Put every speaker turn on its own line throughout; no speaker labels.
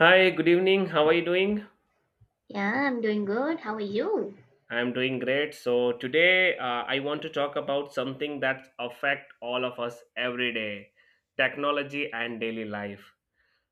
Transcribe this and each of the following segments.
Hi, good evening. How are you doing?
Yeah, I'm doing good. How are you?
I'm doing great. So today I want to talk about something that affect all of us every day, technology and daily life.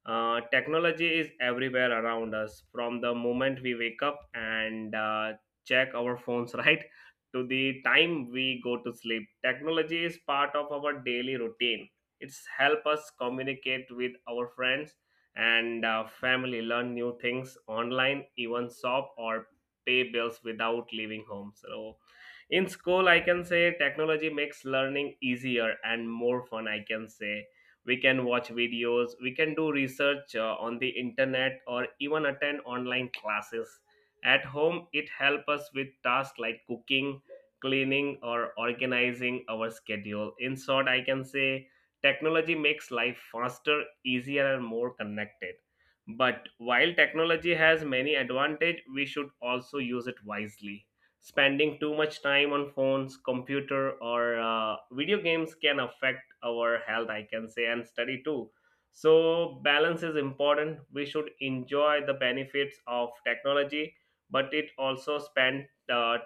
Technology is everywhere around us from the moment we wake up and check our phones, right? To the time we go to sleep. Technology is part of our daily routine. It's help us communicate with our friends and family, learn new things online, even shop or pay bills without leaving home. So, in school, I can say technology makes learning easier and more fun. I can say we can watch videos, we can do research on the internet or even attend online classes at home. It helps us with tasks like cooking, cleaning, or organizing our schedule. In short, I can say technology makes life faster, easier, and more connected. But while technology has many advantages, we should also use it wisely. Spending too much time on phones, computer, or video games can affect our health, I can say, and study too. So, balance is important. We should enjoy the benefits of technology, but it also spend uh,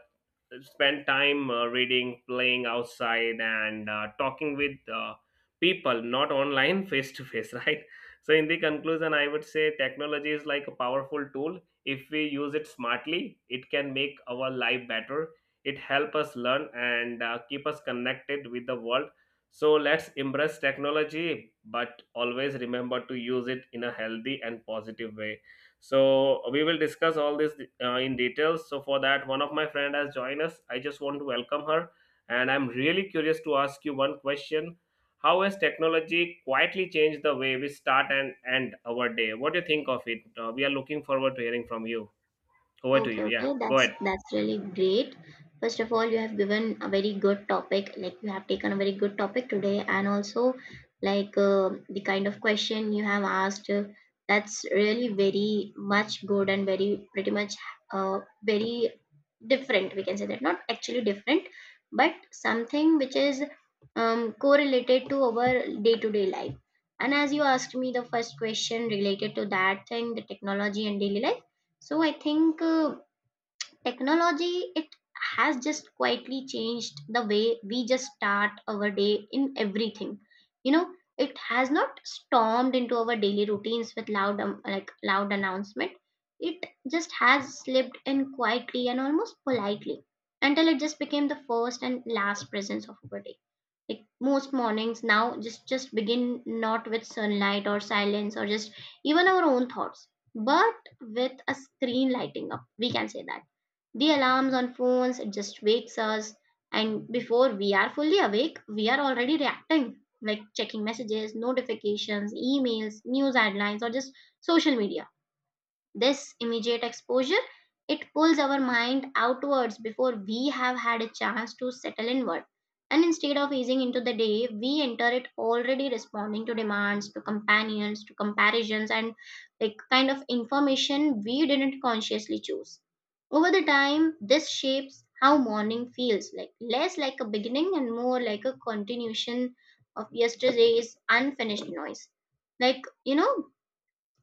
spend time reading, playing outside, and talking with people, not online, face to face, right? So, in the conclusion, I would say technology is like a powerful tool. If we use it smartly, it can make our life better. It helps us learn and keep us connected with the world. So, let's embrace technology, but always remember to use it in a healthy and positive way. So we will discuss all this in details. So for that, one of my friend has joined us. I just want to welcome her, and I'm really curious to ask you one question. How has technology quietly changed the way we start and end our day? What do you think of it? We are looking forward to hearing from you. Over to
Okay,
you, yeah,
okay,
go ahead.
that's really great. First of all, you have given a very good topic. Like you have taken a very good topic today, and also the kind of question you have asked. That's really very much good and very pretty much very different. We can say that not actually different, but something which is correlated to our day to day life. And as you asked me the first question related to that thing, the technology and daily life. So I think. Technology, it has just quietly changed the way we just start our day in everything. You know, it has not stormed into our daily routines with loud, like loud announcement. It just has slipped in quietly and almost politely until it just became the first and last presence of our day. Like most mornings now, just begin not with sunlight or silence or just even our own thoughts, but with a screen lighting up. We can say that the alarms on phones just wakes us, and before we are fully awake, we are already reacting, like checking messages, notifications, emails, news headlines, or just social media. This immediate exposure, it pulls our mind outwards before we have had a chance to settle inward. And instead of easing into the day, we enter it already responding to demands, to companions, to comparisons, and like kind of information we didn't consciously choose. Over the time, this shapes how morning feels, like less like a beginning and more like a continuation of yesterday's unfinished noise. Like, you know,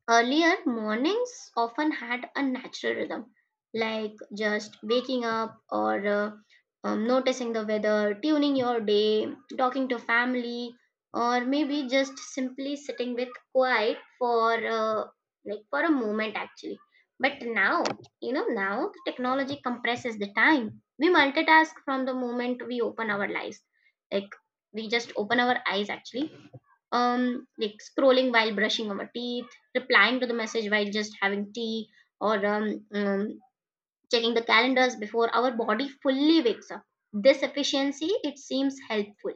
earlier, mornings often had a natural rhythm, like just waking up or noticing the weather, tuning your day, talking to family, or maybe just simply sitting with quiet for like for a moment actually. But now, you know, now the technology compresses the time. We multitask from the moment we open our lives. Like we just open our eyes actually, like scrolling while brushing our teeth, replying to the message while just having tea, or checking the calendars before our body fully wakes up. This efficiency, it seems helpful,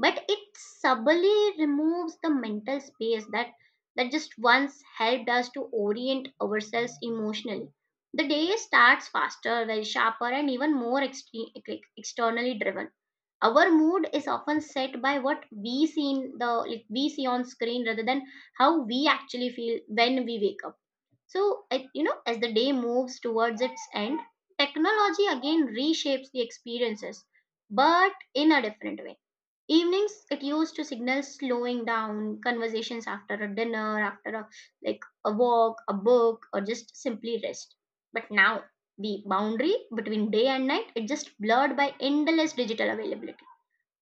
but it subtly removes the mental space that just once helped us to orient ourselves emotionally. The day starts faster, very sharper, and even more like, externally driven. Our mood is often set by what we see in the like we see on screen rather than how we actually feel when we wake up. You know, as the day moves towards its end, technology again reshapes the experiences, but in a different way. Evenings, it used to signal slowing down, conversations after a dinner, after a like a walk, a book, or just simply rest. But now, the boundary between day and night, it just blurred by endless digital availability.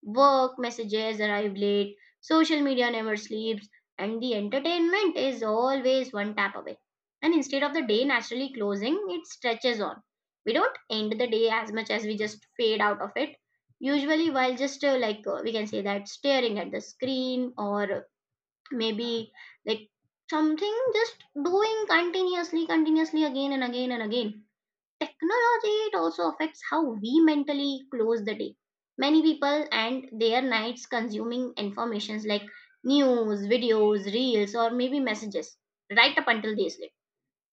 Work messages arrive late, social media never sleeps, and the entertainment is always one tap away. And instead of the day naturally closing, it stretches on. We don't end the day as much as we just fade out of it. Usually, while just like we can say that staring at the screen, or maybe like something just doing continuously, continuously again and again and again. Technology, it also affects how we mentally close the day. Many people and their nights consuming informations like news, videos, reels, or maybe messages right up until they sleep.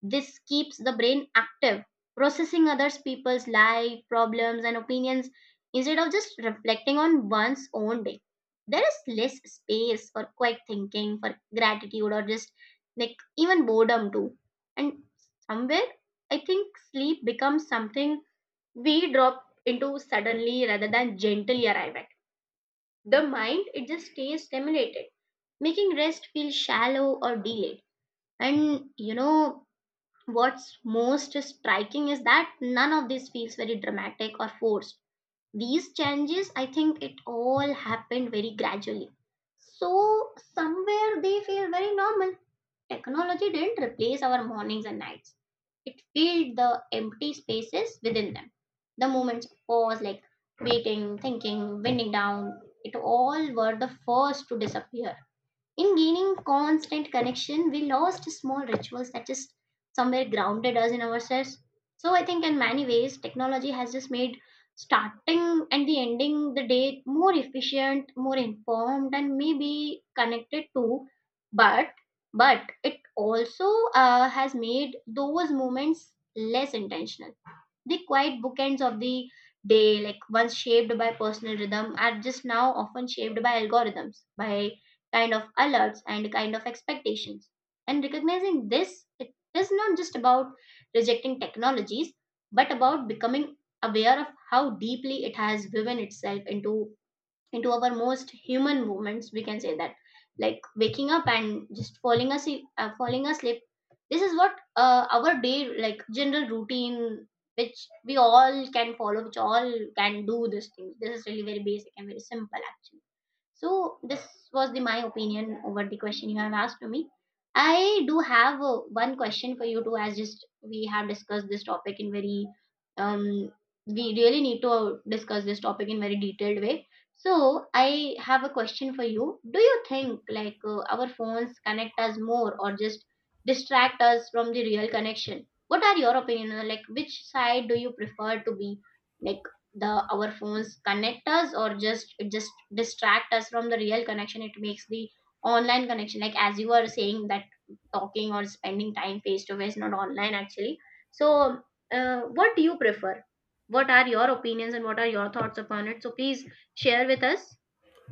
This keeps the brain active, processing others people's life, problems, and opinions instead of just reflecting on one's own day. There is less space for quiet thinking, for gratitude, or just like even boredom too. And somewhere, I think sleep becomes something we drop into suddenly rather than gently arrive at. The mind, it just stays stimulated, making rest feel shallow or delayed. And you know, what's most striking is that none of this feels very dramatic or forced. These changes, I think it all happened very gradually. So, somewhere they feel very normal. Technology didn't replace our mornings and nights, it filled the empty spaces within them. The moments of pause, like waiting, thinking, winding down, it all were the first to disappear. In gaining constant connection, we lost small rituals that just somewhere grounded us in ourselves. So I think in many ways, technology has just made starting and the ending the day more efficient, more informed, and maybe connected to. But but it also has made those moments less intentional. The quiet bookends of the day, like once shaped by personal rhythm, are just now often shaped by algorithms, by kind of alerts and kind of expectations. And recognizing this, it is not just about rejecting technologies, but about becoming aware of how deeply it has woven itself into our most human moments, we can say that like waking up and just falling asleep, falling asleep. This is what our day, like general routine, which we all can follow, which all can do this thing, this is really very basic and very simple actually. So this was the my opinion over the question you have asked to me. I do have one question for you too, as just we have discussed this topic in very um we really need to discuss this topic in very detailed way. So I have a question for you. Do you think our phones connect us more or just distract us from the real connection? What are your opinion? Like which side do you prefer to be? Like the our phones connect us or just distract us from the real connection? It makes the online connection like as you were saying that talking or spending time face to face, not online actually. So what do you prefer, what are your opinions and what are your thoughts upon it? So please share with us.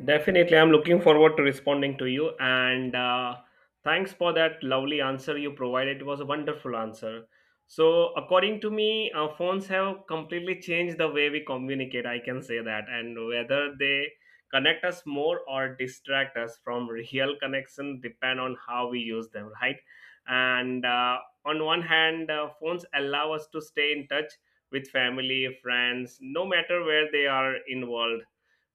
Definitely, I'm looking forward to responding to you. And Thanks for that lovely answer you provided. It was a wonderful answer. So, according to me, phones have completely changed the way we communicate, I can say that. And whether they connect us more or distract us from real connection depend on how we use them, right? And On one hand, phones allow us to stay in touch with family, friends, no matter where they are in world.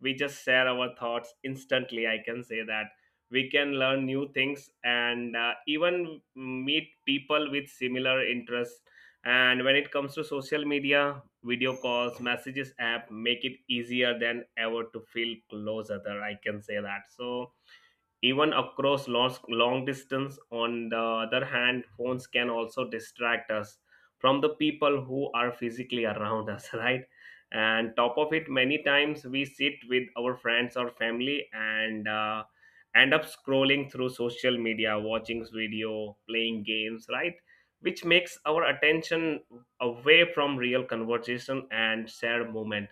We just share our thoughts instantly, I can say that. We can learn new things and even meet people with similar interests. And when it comes to social media, video calls, messages app make it easier than ever to feel closer there, I can say that. So even across long, long distance, on the other hand, phones can also distract us from the people who are physically around us, right. And top of it, many times we sit with our friends or family and end up scrolling through social media, watching video, playing games, right, which makes our attention away from real conversation and shared moment.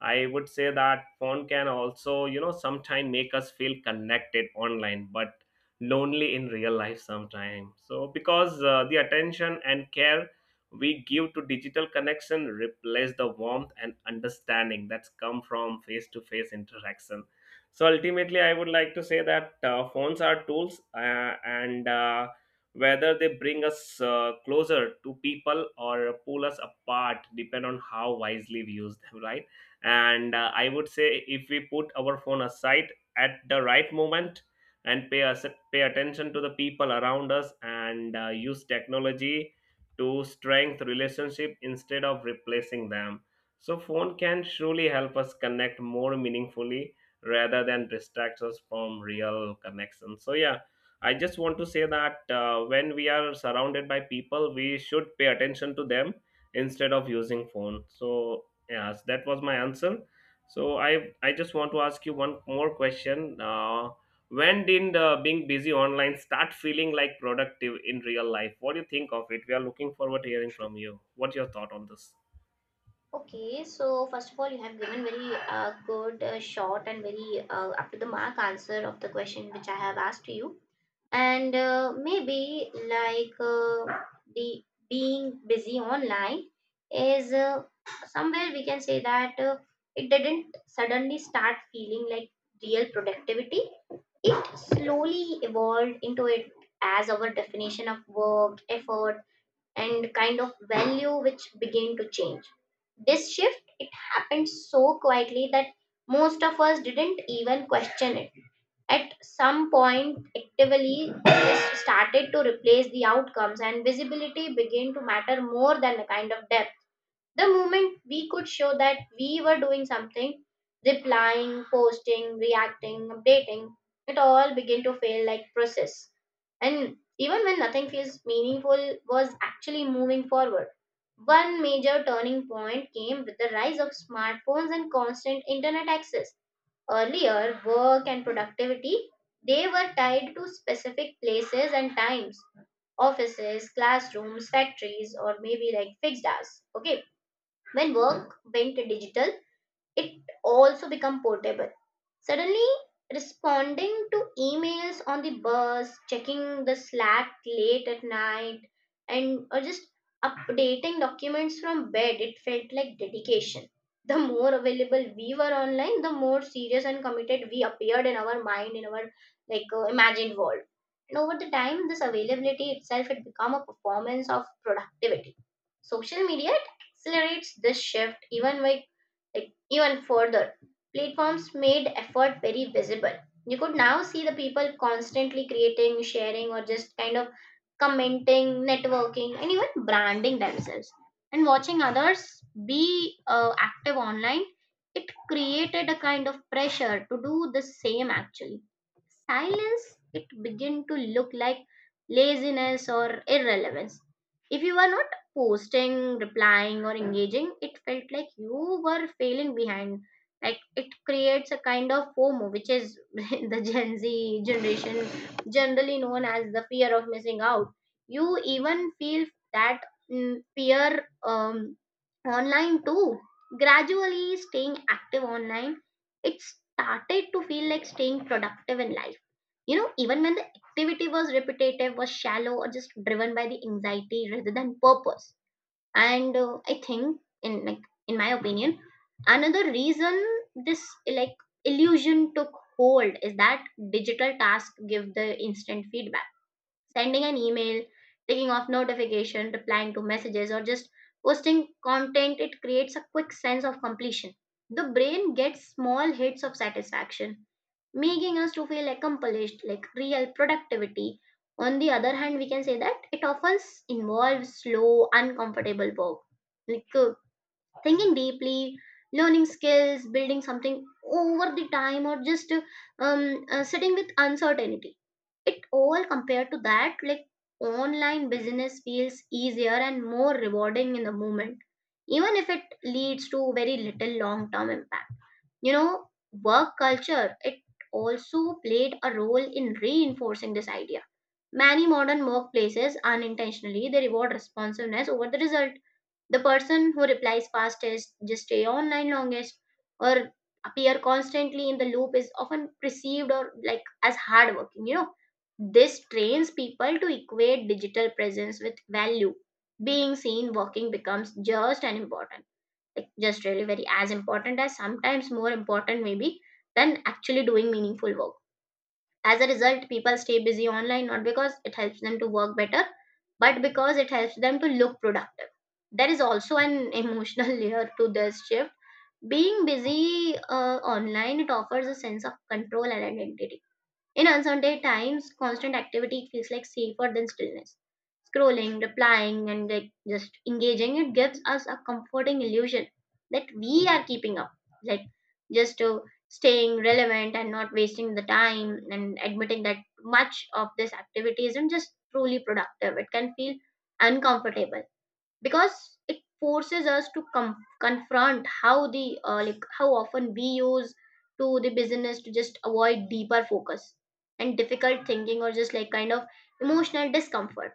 I would say that phone can also, you know, sometimes make us feel connected online, but lonely in real life sometimes. So because the attention and care we give to digital connection replace the warmth and understanding that's come from face-to-face interaction. So ultimately, I would like to say that phones are tools, and whether they bring us closer to people or pull us apart, depend on how wisely we use them, right? and I would say if we put our phone aside at the right moment and pay attention to the people around us and use technology to strengthen relationship instead of replacing them. So phone can surely help us connect more meaningfully rather than distract us from real connection. So yeah, I just want to say that when we are surrounded by people, we should pay attention to them instead of using phone. So yeah, so that was my answer. So I just want to ask you one more question. When did being busy online start feeling like productive in real life? What do you think of it? We are looking forward to hearing from you. What's your thought on this?
Okay, so first of all, you have given very good, short, and very up to the mark answer of the question which I have asked you. And maybe the being busy online is, somewhere we can say that, it didn't suddenly start feeling like real productivity. It slowly evolved into it as our definition of work, effort, and kind of value which began to change. This shift, it happened so quietly that most of us didn't even question it. At some point, actively tests started to replace the outcomes, and visibility began to matter more than the kind of depth. The moment we could show that we were doing something, replying, posting, reacting, updating, it all began to feel like process. And even when nothing feels meaningful, was actually moving forward. One major turning point came with the rise of smartphones and constant internet access. Earlier, work and productivity, they were tied to specific places and times, offices, classrooms, factories, or maybe like fixed hours. Okay, when work went digital, it also become portable. Suddenly responding to emails on the bus, checking the slack late at night, and or just updating documents from bed, it felt like dedication. The more available we were online, the more serious and committed we appeared in our mind, in our imagined world. And over the time, this availability itself had become a performance of productivity. Social media, it accelerates this shift even by like even further. Platforms made effort very visible. You could now see the people constantly creating, sharing, or just kind of commenting, networking, and even branding themselves. And watching others be active online, it created a kind of pressure to do the same actually. Silence, it begin to look like laziness or irrelevance. If you were not posting, replying, or engaging, it felt like you were failing behind. Like it creates a kind of FOMO, which is the Gen Z generation generally known as the fear of missing out. You even feel that, fear, um, online too. Gradually, staying active online, it started to feel like staying productive in life, you know, even when the activity was repetitive, was shallow, or just driven by the anxiety rather than purpose. And I think, in my opinion, another reason this like illusion took hold is that digital tasks give the instant feedback. Sending an email, taking off notification, replying to messages, or just posting content, it creates a quick sense of completion. The brain gets small hits of satisfaction making us to feel accomplished like real productivity. On the other hand, we can say that it often involves slow uncomfortable work, like thinking deeply, learning skills, building something over the time, or just sitting with uncertainty. It all compared to that, like online business feels easier and more rewarding in the moment, even if it leads to very little long term impact, you know work culture, it also played a role in reinforcing this idea. Many modern workplaces unintentionally they reward responsiveness over the result. The person who replies fastest, just stay online longest, or appear constantly in the loop is often perceived or like as hardworking, you know. This trains people to equate digital presence with value. Being seen working becomes just and important, like just really very as important as sometimes more important maybe than actually doing meaningful work. As a result, people stay busy online not because it helps them to work better, but because it helps them to look productive. There is also an emotional layer to this shift. Being busy online, it offers a sense of control and identity. In uncertain times, constant activity feels like safer than stillness. Scrolling, replying, and like just engaging, it gives us a comforting illusion that we are keeping up, like just to staying relevant and not wasting the time, and admitting that much of this activity isn't just truly productive. It can feel uncomfortable because it forces us to confront how the like how often we use to the business to just avoid deeper focus and difficult thinking or just like kind of emotional discomfort.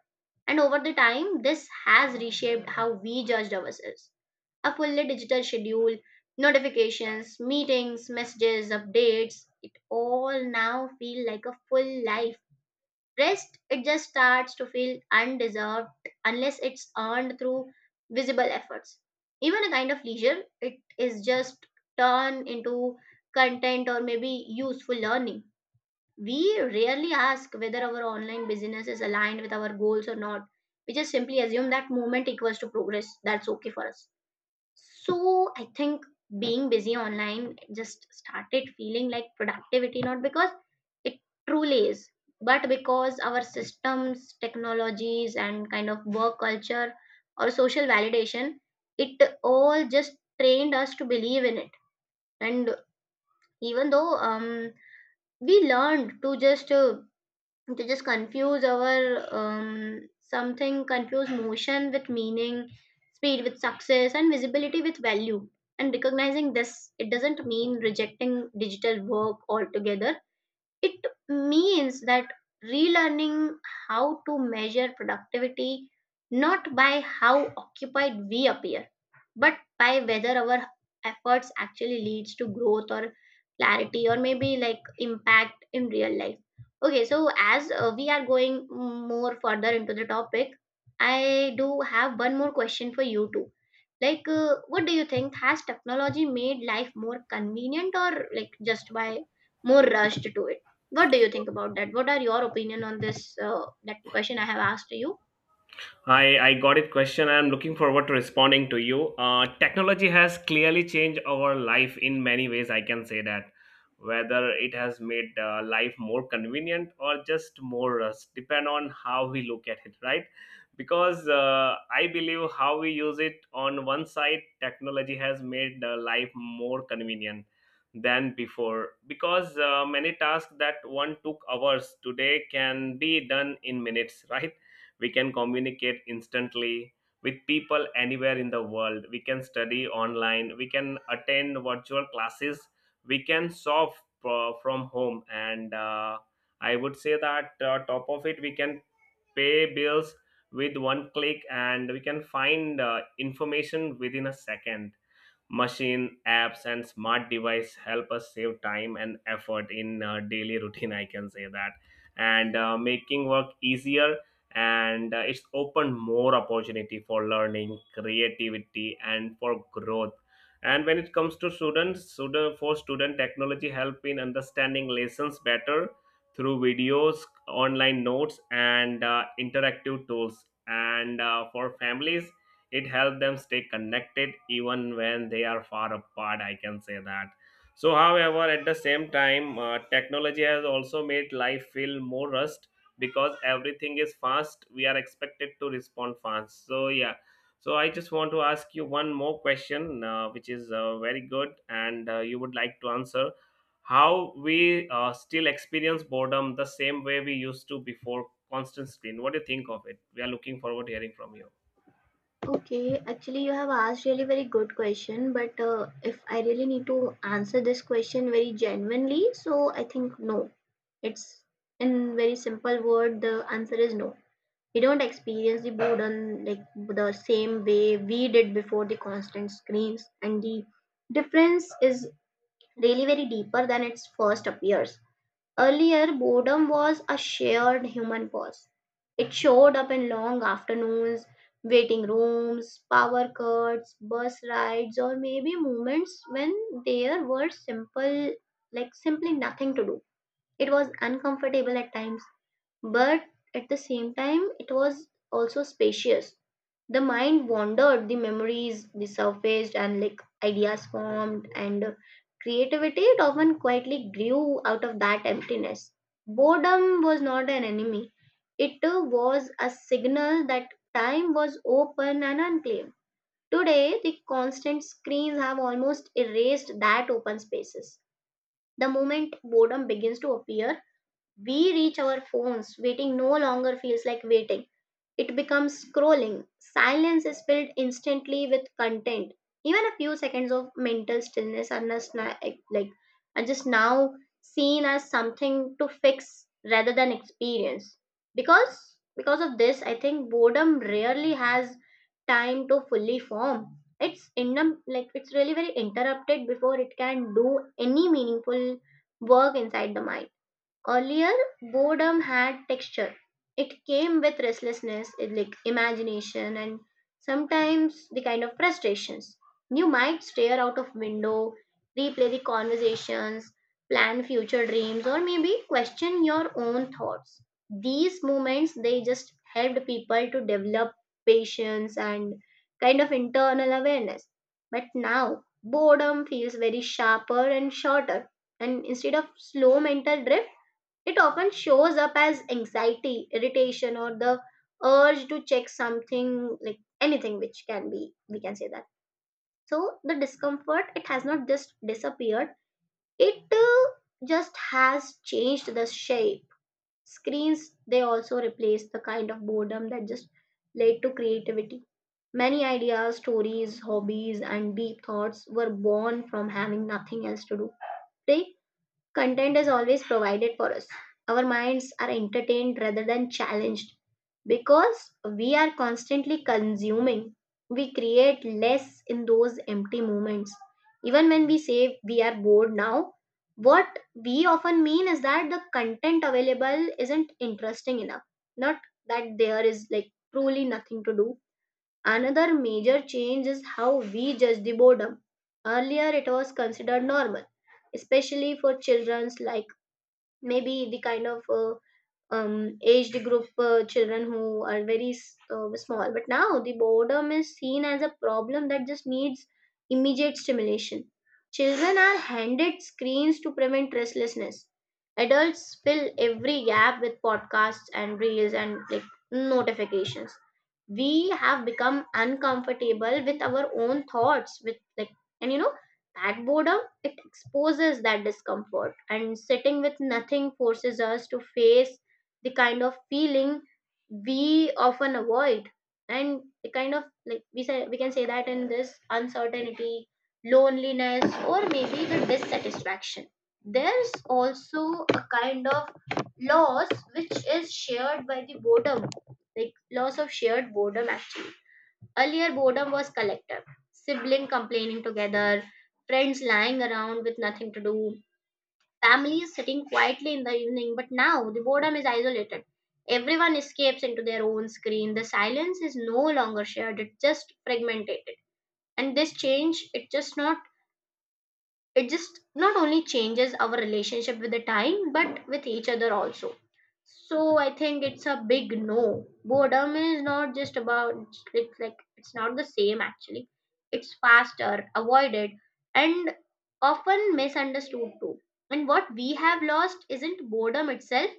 And over the time this has reshaped how we judged ourselves. A fully digital schedule, notifications, meetings, messages, updates, it all now feel like a full life. Rest, it just starts to feel undeserved unless it's earned through visible efforts. Even a kind of leisure, it is just turned into content or maybe useful learning. We rarely ask whether our online business is aligned with our goals or not. We just simply assume that movement equals to progress. That's okay for us. So I think being busy online just started feeling like productivity, not because it truly is, but because our systems, technologies, and kind of work culture or social validation, it all just trained us to believe in it. And even though we learned to just confuse our something confuse motion with meaning, speed with success, and visibility with value. And recognizing this, it doesn't mean rejecting digital work altogether, it means that relearning how to measure productivity, not by how occupied we appear, but by whether our efforts actually leads to growth or clarity or maybe like impact in real life. Okay, so as we are going more further into the topic, I do have one more question for you too. Like what do you think, has technology made life more convenient or like just by more rushed to it? What do you think about that? What are your opinion on this? That question I have asked you.
I got it question. I'm looking forward to responding to you. Technology has clearly changed our life in many ways, I can say that. Whether it has made life more convenient or just more rust, depend on how we look at it, right? Because I believe how we use it. On one side, technology has made life more convenient than before. Because many tasks that one took hours today can be done in minutes, right? We can communicate instantly with people anywhere in the world. We can study online, we can attend virtual classes, we can solve from home, and I would say that top of it, we can pay bills with one click, and we can find information within a second. Machine apps and smart device help us save time and effort in daily routine, I can say that, and making work easier, and it's opened more opportunity for learning, creativity, and for growth. And when it comes to for student, technology help in understanding lessons better through videos, online notes, and interactive tools, and for families, it helps them stay connected even when they are far apart, I can say that. So however, at the same time, technology has also made life feel more rushed because everything is fast, we are expected to respond fast. So yeah, so I just want to ask you one more question, which is very good, and you would like to answer. How we still experience boredom the same way we used to before constant screen? What do you think of it? We are looking forward to hearing from you.
Okay, actually, you have asked really very good question, but if I really need to answer this question very genuinely, so I think no. It's in very simple word, the answer is no. We don't experience the boredom like the same way we did before the constant screens, and the difference is really very deeper than it first appears. Earlier, boredom was a shared human cause. It showed up in long afternoons, waiting rooms, power cuts, bus rides, or maybe moments when there were simple, like simply nothing to do. It was uncomfortable at times, but at the same time it was also spacious. The mind wandered, the memories resurfaced, and like ideas formed, and creativity it often quietly grew out of that emptiness. Boredom was not an enemy, it was a signal that time was open and unclaimed. Today, the constant screens have almost erased that open spaces. The moment boredom begins to appear, we reach our phones. Waiting no longer feels like waiting. It becomes scrolling. Silence is filled instantly with content. Even a few seconds of mental stillness are just na- like, are just now seen as something to fix rather than experience. Because of this, I think boredom rarely has time to fully form. It's in like It's really very interrupted before it can do any meaningful work inside the mind. Earlier, boredom had texture. It came with restlessness, like imagination, and sometimes the kind of frustrations. You might stare out of window, replay the conversations, plan future dreams, or maybe question your own thoughts. These moments they just helped people to develop patience and kind of internal awareness. But now boredom feels very sharper and shorter, and instead of slow mental drift it often shows up as anxiety, irritation, or the urge to check something like anything, which can be, we can say that. So the discomfort, it has not just disappeared, it just has changed the shape. Screens, they also replace the kind of boredom that just led to creativity. Many ideas, stories, hobbies, and deep thoughts were born from having nothing else to do. Today, content is always provided for us. Our minds are entertained rather than challenged because we are constantly consuming. We create less in those empty moments. Even when we say we are bored now, what we often mean is that the content available isn't interesting enough, not that there is like truly nothing to do. Another major change is how we judge the boredom. Earlier, it was considered normal, especially for children, like maybe the kind of aged group children who are very small. But now the boredom is seen as a problem that just needs immediate stimulation. Children are handed screens to prevent restlessness. Adults fill every gap with podcasts and reels and like notifications. We have become uncomfortable with our own thoughts, with like, and you know, that boredom it exposes that discomfort, and sitting with nothing forces us to face the kind of feeling we often avoid, and the kind of like we say we can say that in this uncertainty, loneliness, or maybe the dissatisfaction. There's also a kind of loss which is shared by the boredom, like loss of shared boredom actually. Earlier boredom was collective, sibling complaining together, friends lying around with nothing to do, family is sitting quietly in the evening, but now the boredom is isolated. Everyone escapes into their own screen. The silence is no longer shared, it's just fragmented. And this change, it just not only changes our relationship with the time but with each other also. So I think it's a big no, boredom is not just about, it's like it's not the same actually. It's faster avoided and often misunderstood too. And what we have lost isn't boredom itself,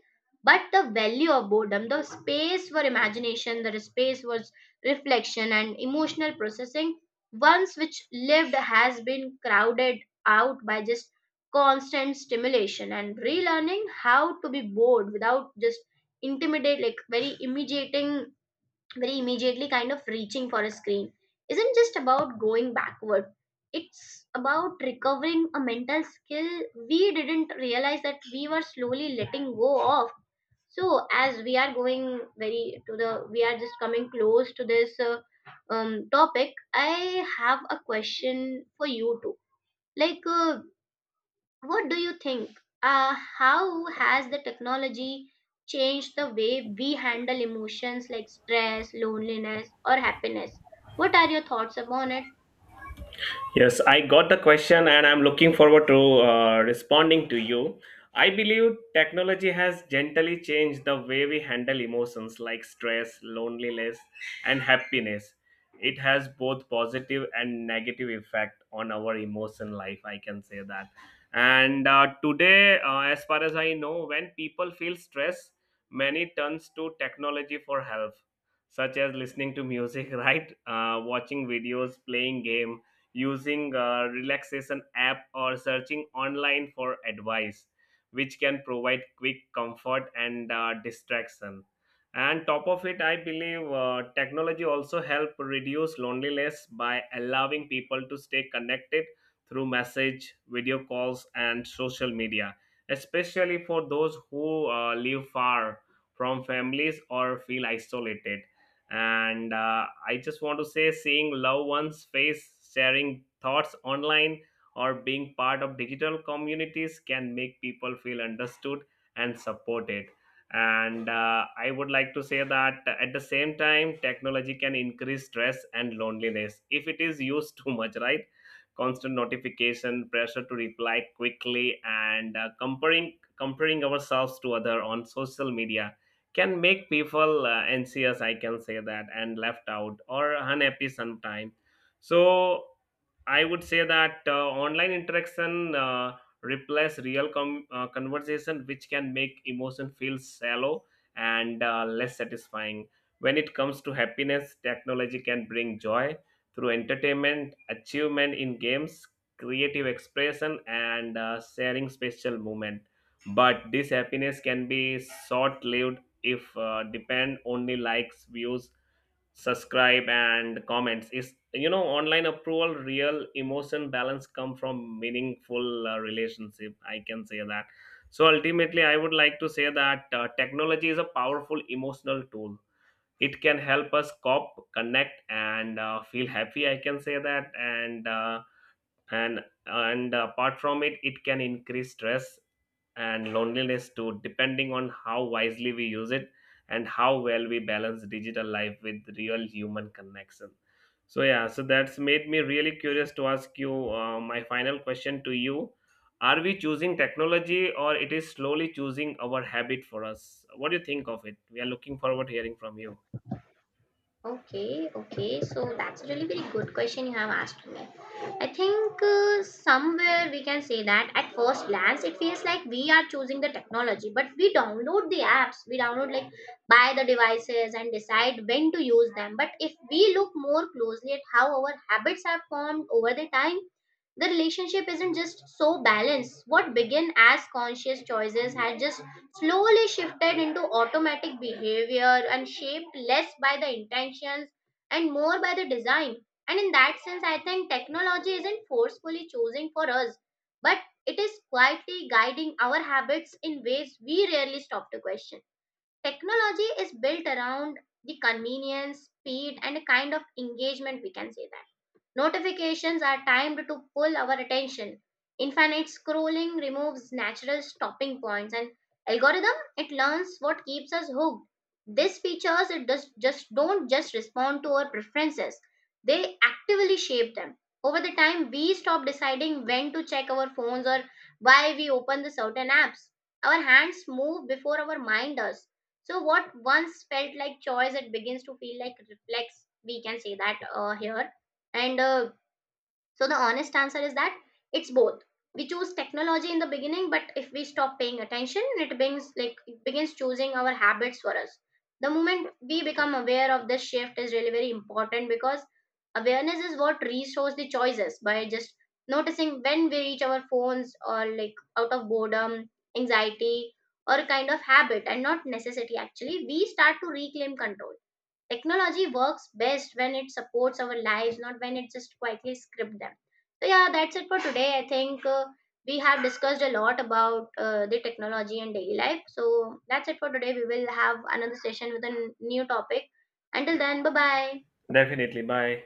but the value of boredom, the space for imagination, the space for reflection and emotional processing once which lived has been crowded out by just constant stimulation. And relearning how to be bored without just intimidate like very immediating very immediately kind of reaching for a screen isn't just about going backward, it's about recovering a mental skill we didn't realize that we were slowly letting go of. So as we are going very to the, we are just coming close to this topic, I have a question for you too. Like what do you think? How has the technology changed the way we handle emotions like stress, loneliness, or happiness? What are your thoughts upon it?
Yes, I got the question and I'm looking forward to responding to you. I believe technology has gently changed the way we handle emotions like stress, loneliness, and happiness. It has both positive and negative effect on our emotion life, I can say that. And today, as far as I know, when people feel stress, many turns to technology for help, such as listening to music, right? Watching videos, playing game, using a relaxation app, or searching online for advice, which can provide quick comfort and distraction. And top of it, I believe technology also help reduce loneliness by allowing people to stay connected through message, video calls, and social media, especially for those who live far from families or feel isolated. And I just want to say seeing loved ones face, sharing thoughts online, or being part of digital communities can make people feel understood and supported. And I would like to say that at the same time, technology can increase stress and loneliness if it is used too much, right. Constant notification, pressure to reply quickly, and comparing ourselves to other on social media can make people anxious, I can say that, and left out or unhappy sometime. So I would say that online interaction replace real conversation, which can make emotion feel shallow and less satisfying. When it comes to happiness, technology can bring joy through entertainment, achievement in games, creative expression, and sharing special moment. But this happiness can be short lived if depend only likes, views, subscribe, and comments. Is, you know, online approval. Real emotion balance come from meaningful relationship, I can say that. So ultimately, I would like to say that technology is a powerful emotional tool. It can help us cop connect and feel happy, I can say that, and apart from it, it can increase stress and loneliness too, depending on how wisely we use it and how well we balance digital life with real human connection. So yeah, so that's made me really curious to ask you my final question to you. Are we choosing technology, or it is slowly choosing our habit for us? What do you think of it? We are looking forward to hearing from you.
Okay, okay. So that's a really very good question you have asked me. I think somewhere we can say that at first glance it feels like we are choosing the technology, but we download the apps, we download like buy the devices and decide when to use them. But if we look more closely at how our habits are formed over the time, the relationship isn't just so balanced. What began as conscious choices has just slowly shifted into automatic behavior and shaped less by the intentions and more by the design. And in that sense, I think technology isn't forcefully chosen for us, but it is quietly guiding our habits in ways we rarely stop to question. Technology is built around the convenience, speed, and a kind of engagement, we can say that. Notifications are timed to pull our attention. Infinite scrolling removes natural stopping points and algorithm it learns what keeps us hooked. These features it does just don't just respond to our preferences. They actively shape them. Over the time we stop deciding when to check our phones or why we open the certain apps. Our hands move before our mind does. So what once felt like choice it begins to feel like reflex. We can say that here and so the honest answer is that it's both. We choose technology in the beginning, but if we stop paying attention, it begins choosing our habits for us. The moment we become aware of this shift is really very important because awareness is what restores the choices by just noticing when we reach our phones or like out of boredom, anxiety, or a kind of habit and not necessity actually, we start to reclaim control. Technology works best when it supports our lives, not when it just quietly scripts them. So, yeah, that's it for today. I think we have discussed a lot about the technology and daily life. So, that's it for today. We will have another session with a new topic. Until then, bye bye.
Definitely, bye.